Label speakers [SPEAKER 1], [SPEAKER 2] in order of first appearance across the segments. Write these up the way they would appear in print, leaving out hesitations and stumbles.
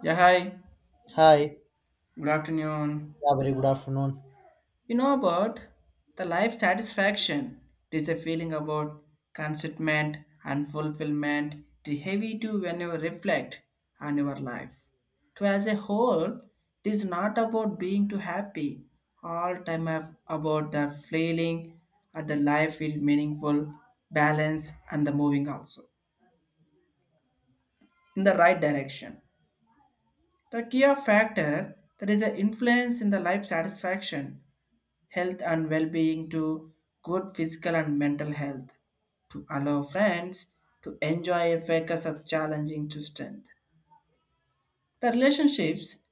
[SPEAKER 1] Yeah, hi.
[SPEAKER 2] Hi.
[SPEAKER 1] Good afternoon.
[SPEAKER 2] Yeah, very good afternoon.
[SPEAKER 1] You know about the life satisfaction. It is a feeling about contentment and fulfillment. It is heavy to when you reflect on your life. To as a whole, it is not about being too happy. About the feeling at the life is meaningful, balance, and the moving also in the right direction. The key of factor that is an influence in the life satisfaction health and well-being to good physical and mental health to allow friends to enjoy a focus of challenging to strength the relationships,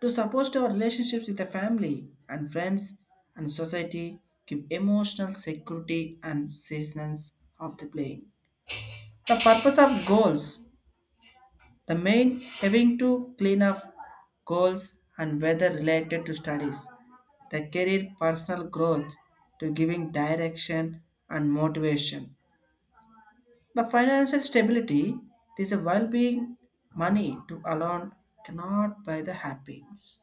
[SPEAKER 1] to support our relationships with the family and friends and society give emotional security and sustenance of the playing the purpose of goals, the main having to clean up goals and whether related to studies, the career personal growth, to giving direction and motivation. The financial stability, it is a well-being. Money to alone cannot buy the happiness.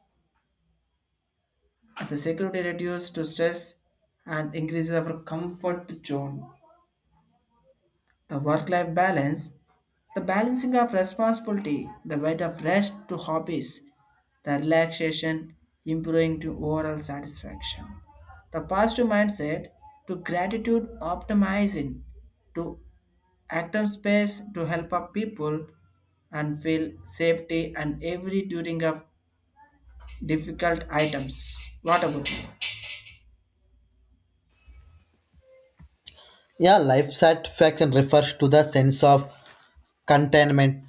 [SPEAKER 1] And the security reduces to stress and increases our comfort zone. The work-life balance, the balancing of responsibility, the weight of rest to hobbies, the relaxation, improving to overall satisfaction. The positive mindset to gratitude optimizing, to active space to help up people and feel safety and every during of difficult items. What about you?
[SPEAKER 2] Yeah, life satisfaction refers to the sense of contentment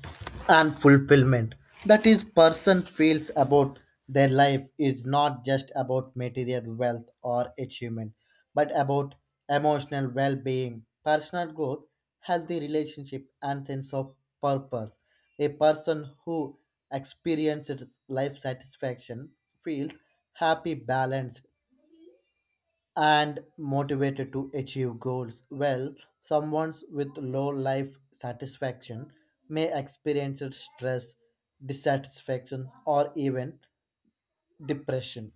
[SPEAKER 2] and fulfillment that is person feels about their life is not just about material wealth or achievement but about emotional well-being personal growth healthy relationship and sense of purpose. A person who experiences life satisfaction feels happy balanced and motivated to achieve goals. Well, someone with low life satisfaction may experience stress, dissatisfaction, or even depression.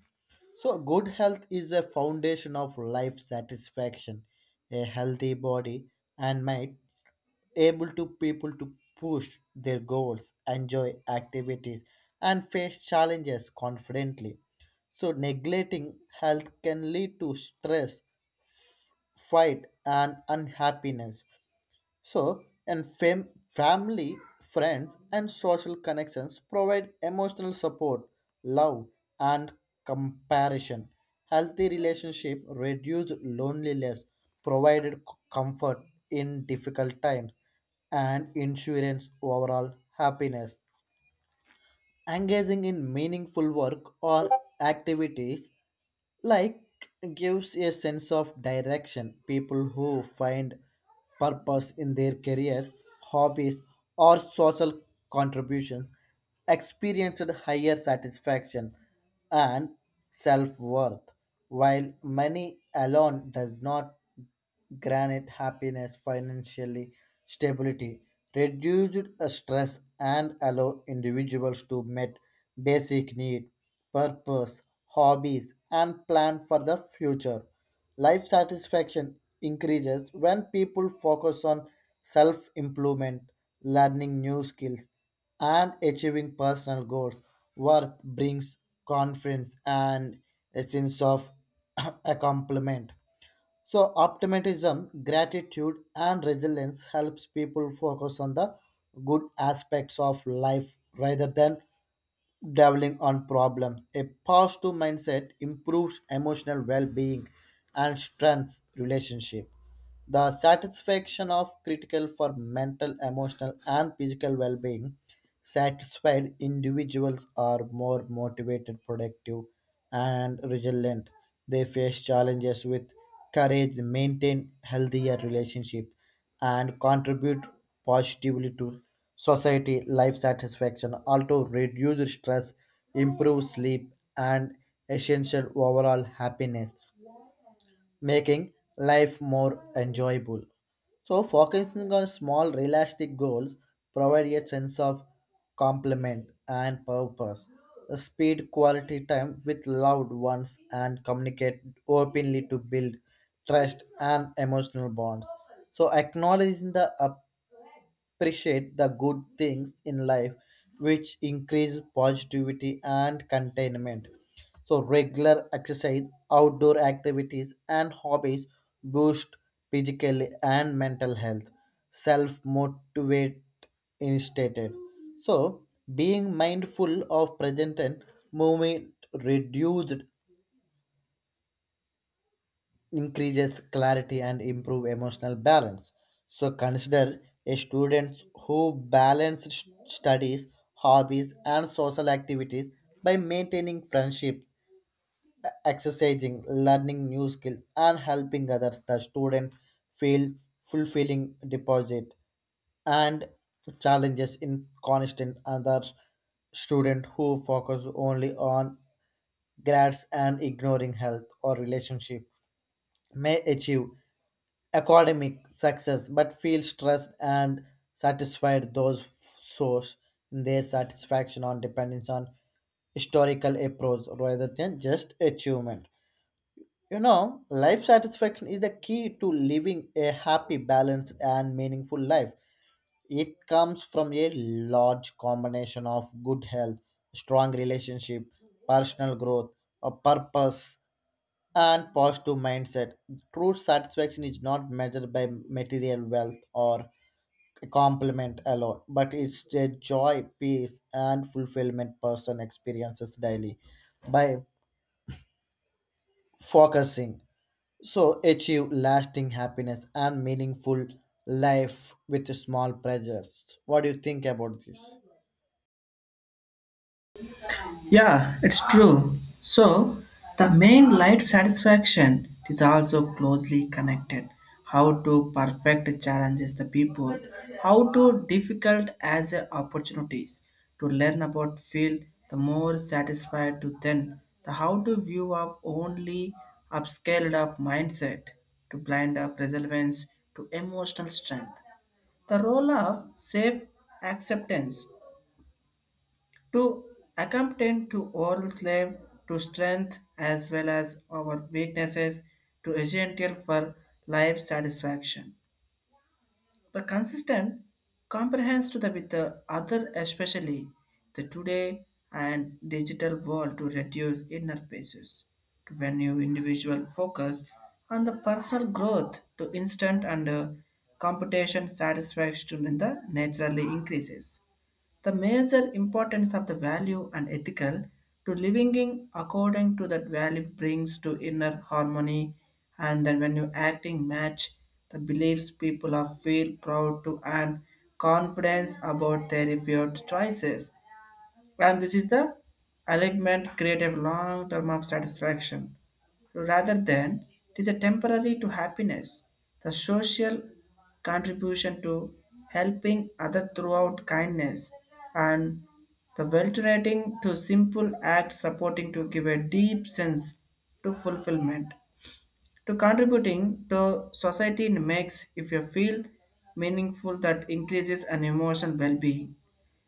[SPEAKER 2] So good health is a foundation of life satisfaction. A healthy body and mind able to people to push their goals, enjoy activities, and face challenges confidently. So neglecting health can lead to stress fight and unhappiness. So, and family, friends, and social connections provide emotional support, love, and comparison. Healthy relationship reduce loneliness, provided comfort in difficult times, and insurance overall happiness. Engaging in meaningful work or activities like gives a sense of direction. People who find purpose in their careers hobbies or social contributions experienced higher satisfaction and self-worth while money alone does not granted happiness, financially stability, reduced stress, and allow individuals to meet basic need, purpose, hobbies, and plan for the future. Life satisfaction increases when people focus on self improvement, learning new skills, and achieving personal goals. Worth brings confidence and a sense of accomplishment. So optimism, gratitude, and resilience helps people focus on the good aspects of life rather than dwelling on problems. A positive mindset improves emotional well-being and strengthens relationship. The satisfaction of critical for mental, emotional, and physical well being. Satisfied individuals are more motivated, productive, and resilient. They face challenges with courage, maintain healthier relationships, and contribute positively to society. Life satisfaction also reduces stress, improves sleep, and essential overall happiness making life more enjoyable. So focusing on small, realistic goals provide a sense of complement and purpose. Speed quality time with loved ones and communicate openly to build trust and emotional bonds. So acknowledging the appreciate the good things in life, which increase positivity and contentment. So regular exercise, outdoor activities, and hobbies boost physical and mental health. Self motivate instated. So being mindful of present and moment reduced increases clarity and improve emotional balance. So consider a students who balance studies, hobbies and social activities by maintaining friendships, exercising, learning new skills and helping others. The student feel fulfilling deposit and challenges in constant other student who focus only on grades and ignoring health or relationship may achieve academic success but feel stressed and satisfied those source in their satisfaction on dependence on historical approach rather than just achievement. You know life satisfaction is the key to living a happy balanced and meaningful life. It comes from a large combination of good health strong relationship personal growth a purpose and positive mindset. True satisfaction is not measured by material wealth or a compliment alone, but it's the joy, peace, and fulfillment person experiences daily by focusing. So achieve lasting happiness and meaningful life with small pleasures. What do you think about this?
[SPEAKER 1] Yeah, it's true. So, the main light satisfaction is also closely connected. How to perfect challenges the people, how to difficult as a opportunities to learn about field, the more satisfied to then the how to view of only upscaled of mindset to blind of relevance to emotional strength. The role of safe acceptance to accompany to oral slave to strength as well as our weaknesses to essential for life satisfaction. The consistent comprehends to the with the other, especially the today and digital world, to reduce inner basis to when you individual focus on the personal growth to instant and computation satisfaction in the naturally increases the major importance of the value and ethical to living in according to that value brings to inner harmony. And then when you acting match the beliefs, people are feel proud to and confidence about their effort choices, and this is the alignment create a long term of satisfaction. Rather than it is a temporary to happiness, the social contribution to helping other throughout kindness and the alternating to simple act supporting to give a deep sense to fulfillment. To contributing to society makes if you feel meaningful that increases an emotional well-being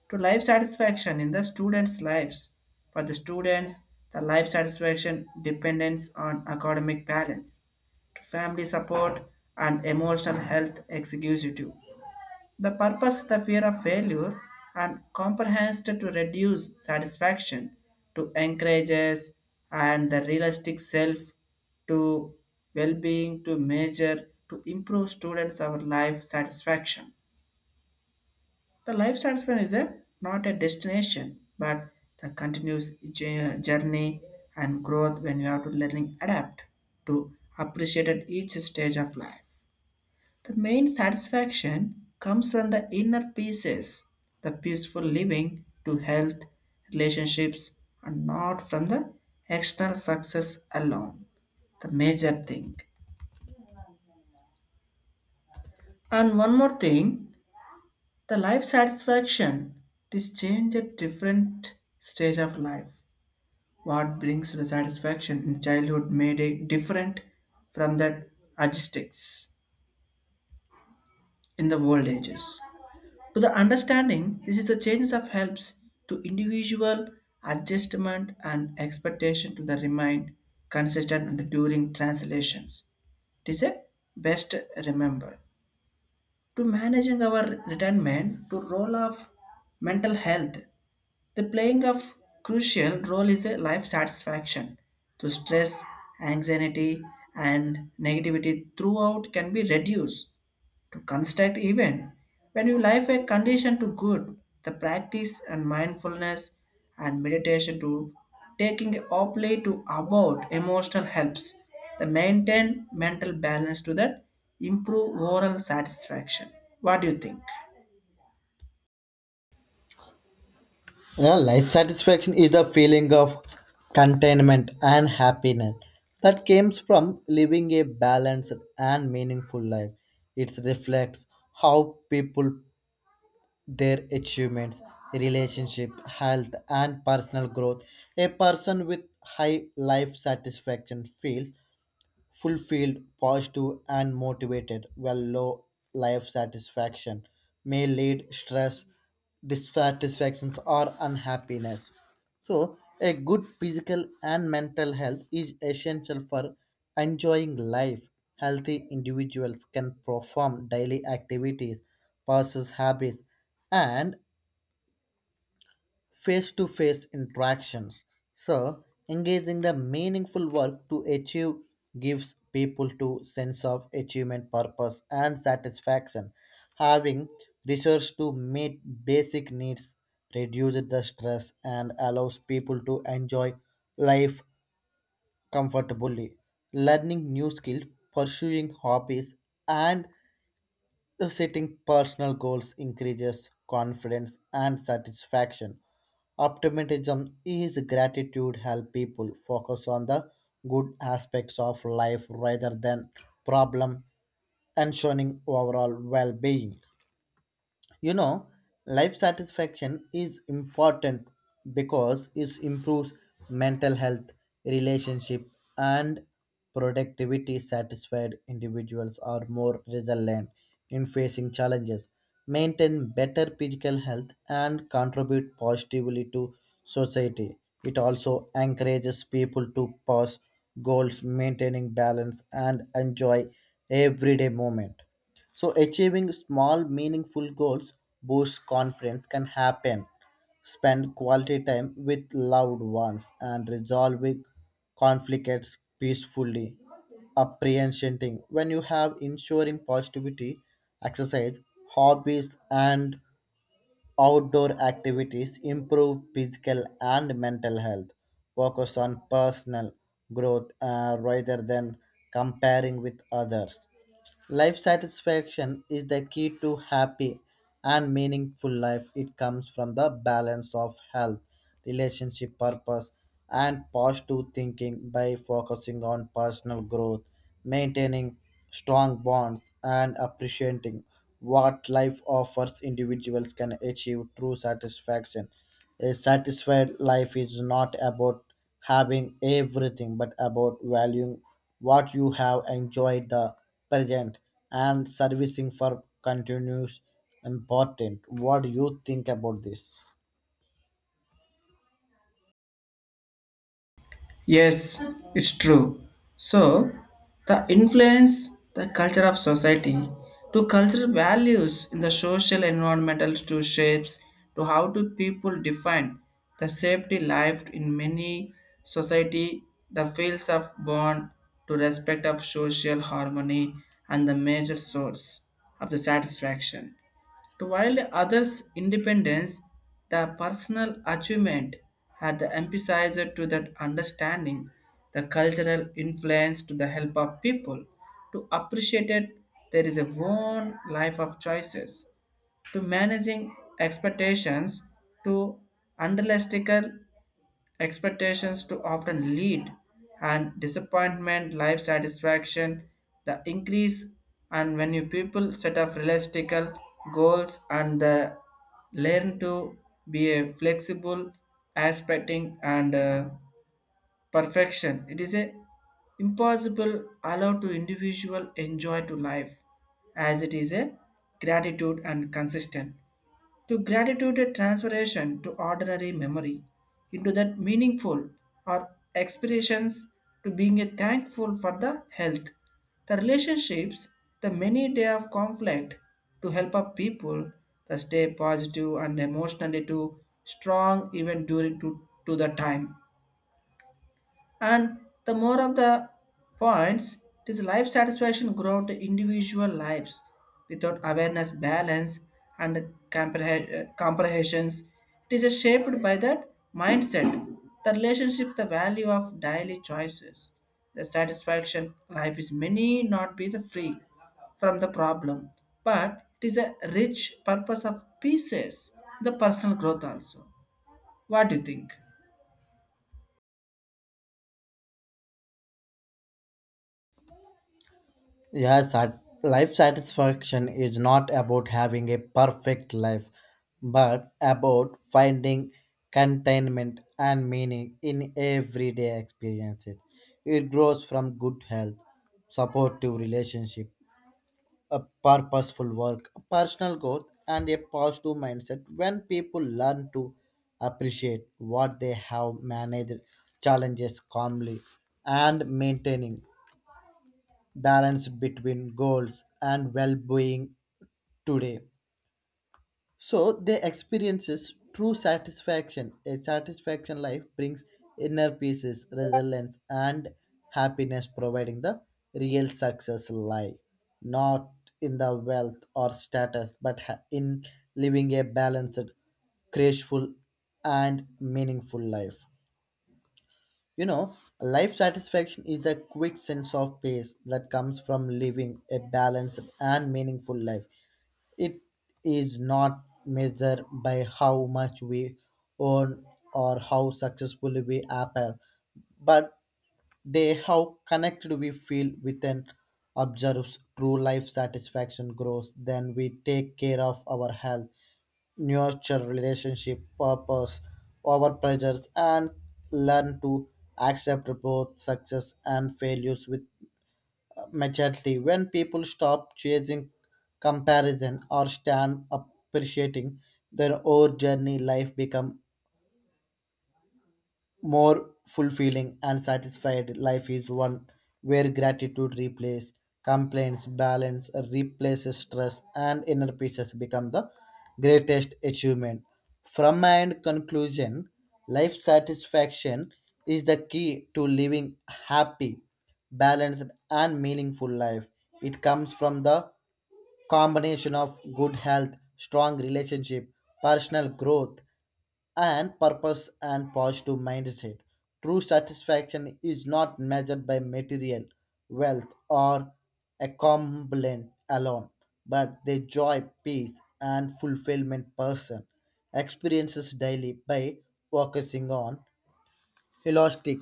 [SPEAKER 1] to life satisfaction in the students' lives. For the students, the life satisfaction depends on academic balance, to family support, and emotional health executive. The purpose, the fear of failure and comprehensive to reduce satisfaction, to encourages and the realistic self to well-being to measure to improve students' our life satisfaction. The life satisfaction is a, not a destination, but the continuous journey and growth when you have to learning adapt to appreciate at each stage of life. The main satisfaction comes from the inner pieces, the peaceful living to health, relationships, and not from the external success alone. The major thing. And one more thing, the life satisfaction, this change at different stage of life. What brings the satisfaction in childhood made it different from that agestics in the old ages. To the understanding, this is the changes of helps to individual adjustment and expectation to the remain consistent during translations. It is a best remember. To managing our retirement to role of mental health, the playing of crucial role is a life satisfaction to stress, anxiety, and negativity throughout can be reduced to construct even when you life a condition to good, the practice and mindfulness and meditation to taking openly to about emotional helps the maintain mental balance to that improve overall satisfaction. What do you think?
[SPEAKER 2] Yeah, life satisfaction is the feeling of contentment and happiness that comes from living a balanced and meaningful life. It reflects how people, their achievements, relationship, health, and personal growth. A person with high life satisfaction feels fulfilled, positive, and motivated, while low life satisfaction may lead stress, dissatisfactions, or unhappiness. So a good physical and mental health is essential for enjoying life. Healthy individuals can perform daily activities, possess habits, and face to face interactions. So engaging the meaningful work to achieve gives people to sense of achievement, purpose, and satisfaction. Having resource to meet basic needs reduces the stress and allows people to enjoy life comfortably. Learning new skills, pursuing hobbies, and the setting personal goals increases confidence and satisfaction. Optimism is gratitude help people focus on the good aspects of life rather than problem ensuring overall well-being. You know, life satisfaction is important because it improves mental health, relationship, and productivity. Satisfied individuals are more resilient in facing challenges, maintain better physical health, and contribute positively to society. It also encourages people to pursue goals, maintaining balance, and enjoy everyday moment. So, achieving small, meaningful goals boosts confidence can happen. Spend quality time with loved ones and resolving conflicts peacefully. Apprehending when you have ensuring positivity, exercise, hobbies, and outdoor activities improve physical and mental health. Focus on personal growth rather than comparing with others. Life satisfaction is the key to happy and meaningful life. It comes from the balance of health, relationship purpose, and positive thinking by focusing on personal growth, maintaining strong bonds, and appreciating what life offers individuals can achieve true satisfaction. A satisfied life is not about having everything but about valuing what you have enjoyed the present and servicing for continues important. What do you think about this?
[SPEAKER 1] Yes, it's true. So, the influence the culture of society to cultural values in the social environmental to shapes to how do people define the safety life in many society, the fields of bond to respect of social harmony and the major source of the satisfaction to while others' independence, the personal achievement had the emphasized to that understanding the cultural influence to the help of people to appreciate it. There is a one life of choices to managing expectations to unrealistic expectations to often lead and disappointment life satisfaction the increase. And when you people set up realistic goals and learn to be a flexible aspecting and perfection. It is a impossible allow to individual enjoy to life as it is a gratitude and consistent. To gratitude a transformation to ordinary memory into that meaningful or experience to being a thankful for the health, the relationships, the many day of conflict to help up people to stay positive and emotionally to strong even during to the time and the more of the points, this life satisfaction grow to individual lives without awareness, balance, and comprehensions. It is shaped by that mindset, the relationship, the value of daily choices, the satisfaction. Life is many, not be the free from the problem, but it is a rich purpose of pieces, the personal growth also. What do you think?
[SPEAKER 2] Yes, life satisfaction is not about having a perfect life, but about finding contentment and meaning in everyday experiences. It grows from good health, supportive relationship, a purposeful work, personal growth, and a positive mindset. When people learn to appreciate what they have managed challenges calmly and maintaining balance between goals and well-being today so they experiences true satisfaction. A satisfaction life brings inner peace, resilience, and happiness, providing the real success lie not in the wealth or status, but in living a balanced, graceful, and meaningful life. You know, life satisfaction is the quick sense of peace that comes from living a balanced and meaningful life. It is not measured by how much we earn or how successful we appear, but they how connected we feel with an observes. True life satisfaction grows then we take care of our health nurture relationship purpose over pressures and learn to accept both success and failures with majority. When people stop chasing comparison or stand appreciating their own journey life become more fulfilling and satisfied. Life is one where gratitude replaces complaints, balance replaces stress, and inner peace has become the greatest achievement. From my end conclusion, life satisfaction is the key to living happy, balanced, and meaningful life. It comes from the combination of good health, strong relationship, personal growth, and purpose and positive mindset. True satisfaction is not measured by material wealth or accomplishment alone, but the joy, peace, and fulfillment person experiences daily by focusing on holistic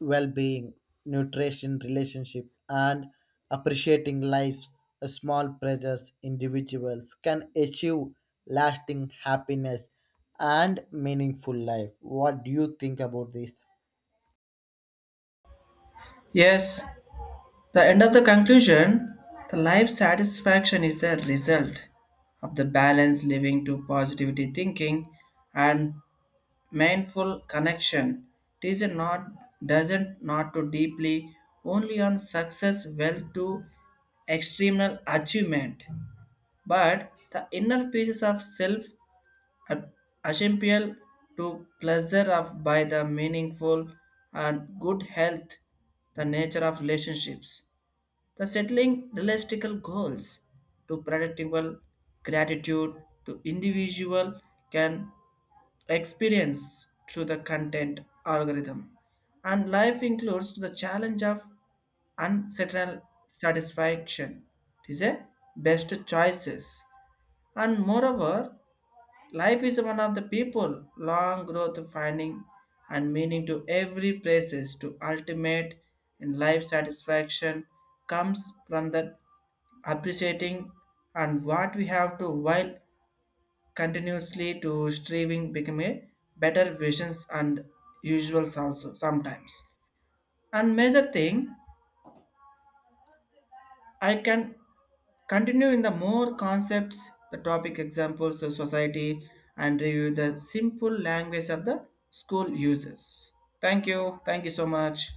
[SPEAKER 2] well-being, nutrition, relationship, and appreciating life's small pleasures individuals can achieve lasting happiness and meaningful life. What do you think about this?
[SPEAKER 1] Yes, the end of the conclusion, the life satisfaction is the result of the balanced living to positivity thinking and mindful connection. It is not doesn't not to deeply only on success, wealth to external achievement, but the inner pieces of self assemble to pleasure of by the meaningful and good health, the nature of relationships, the settling realistic goals to predictable gratitude to individual can experience through the content algorithm and life includes the challenge of unsettled satisfaction. It is a best choices. And moreover, life is one of the people, long growth finding and meaning to every places to ultimate in life satisfaction comes from the appreciating and what we have to while continuously to striving become a better visions and usuals also sometimes. And major thing, I can continue in the more concepts, the topic examples of society, and review the simple language of the school users. Thank you. Thank you so much.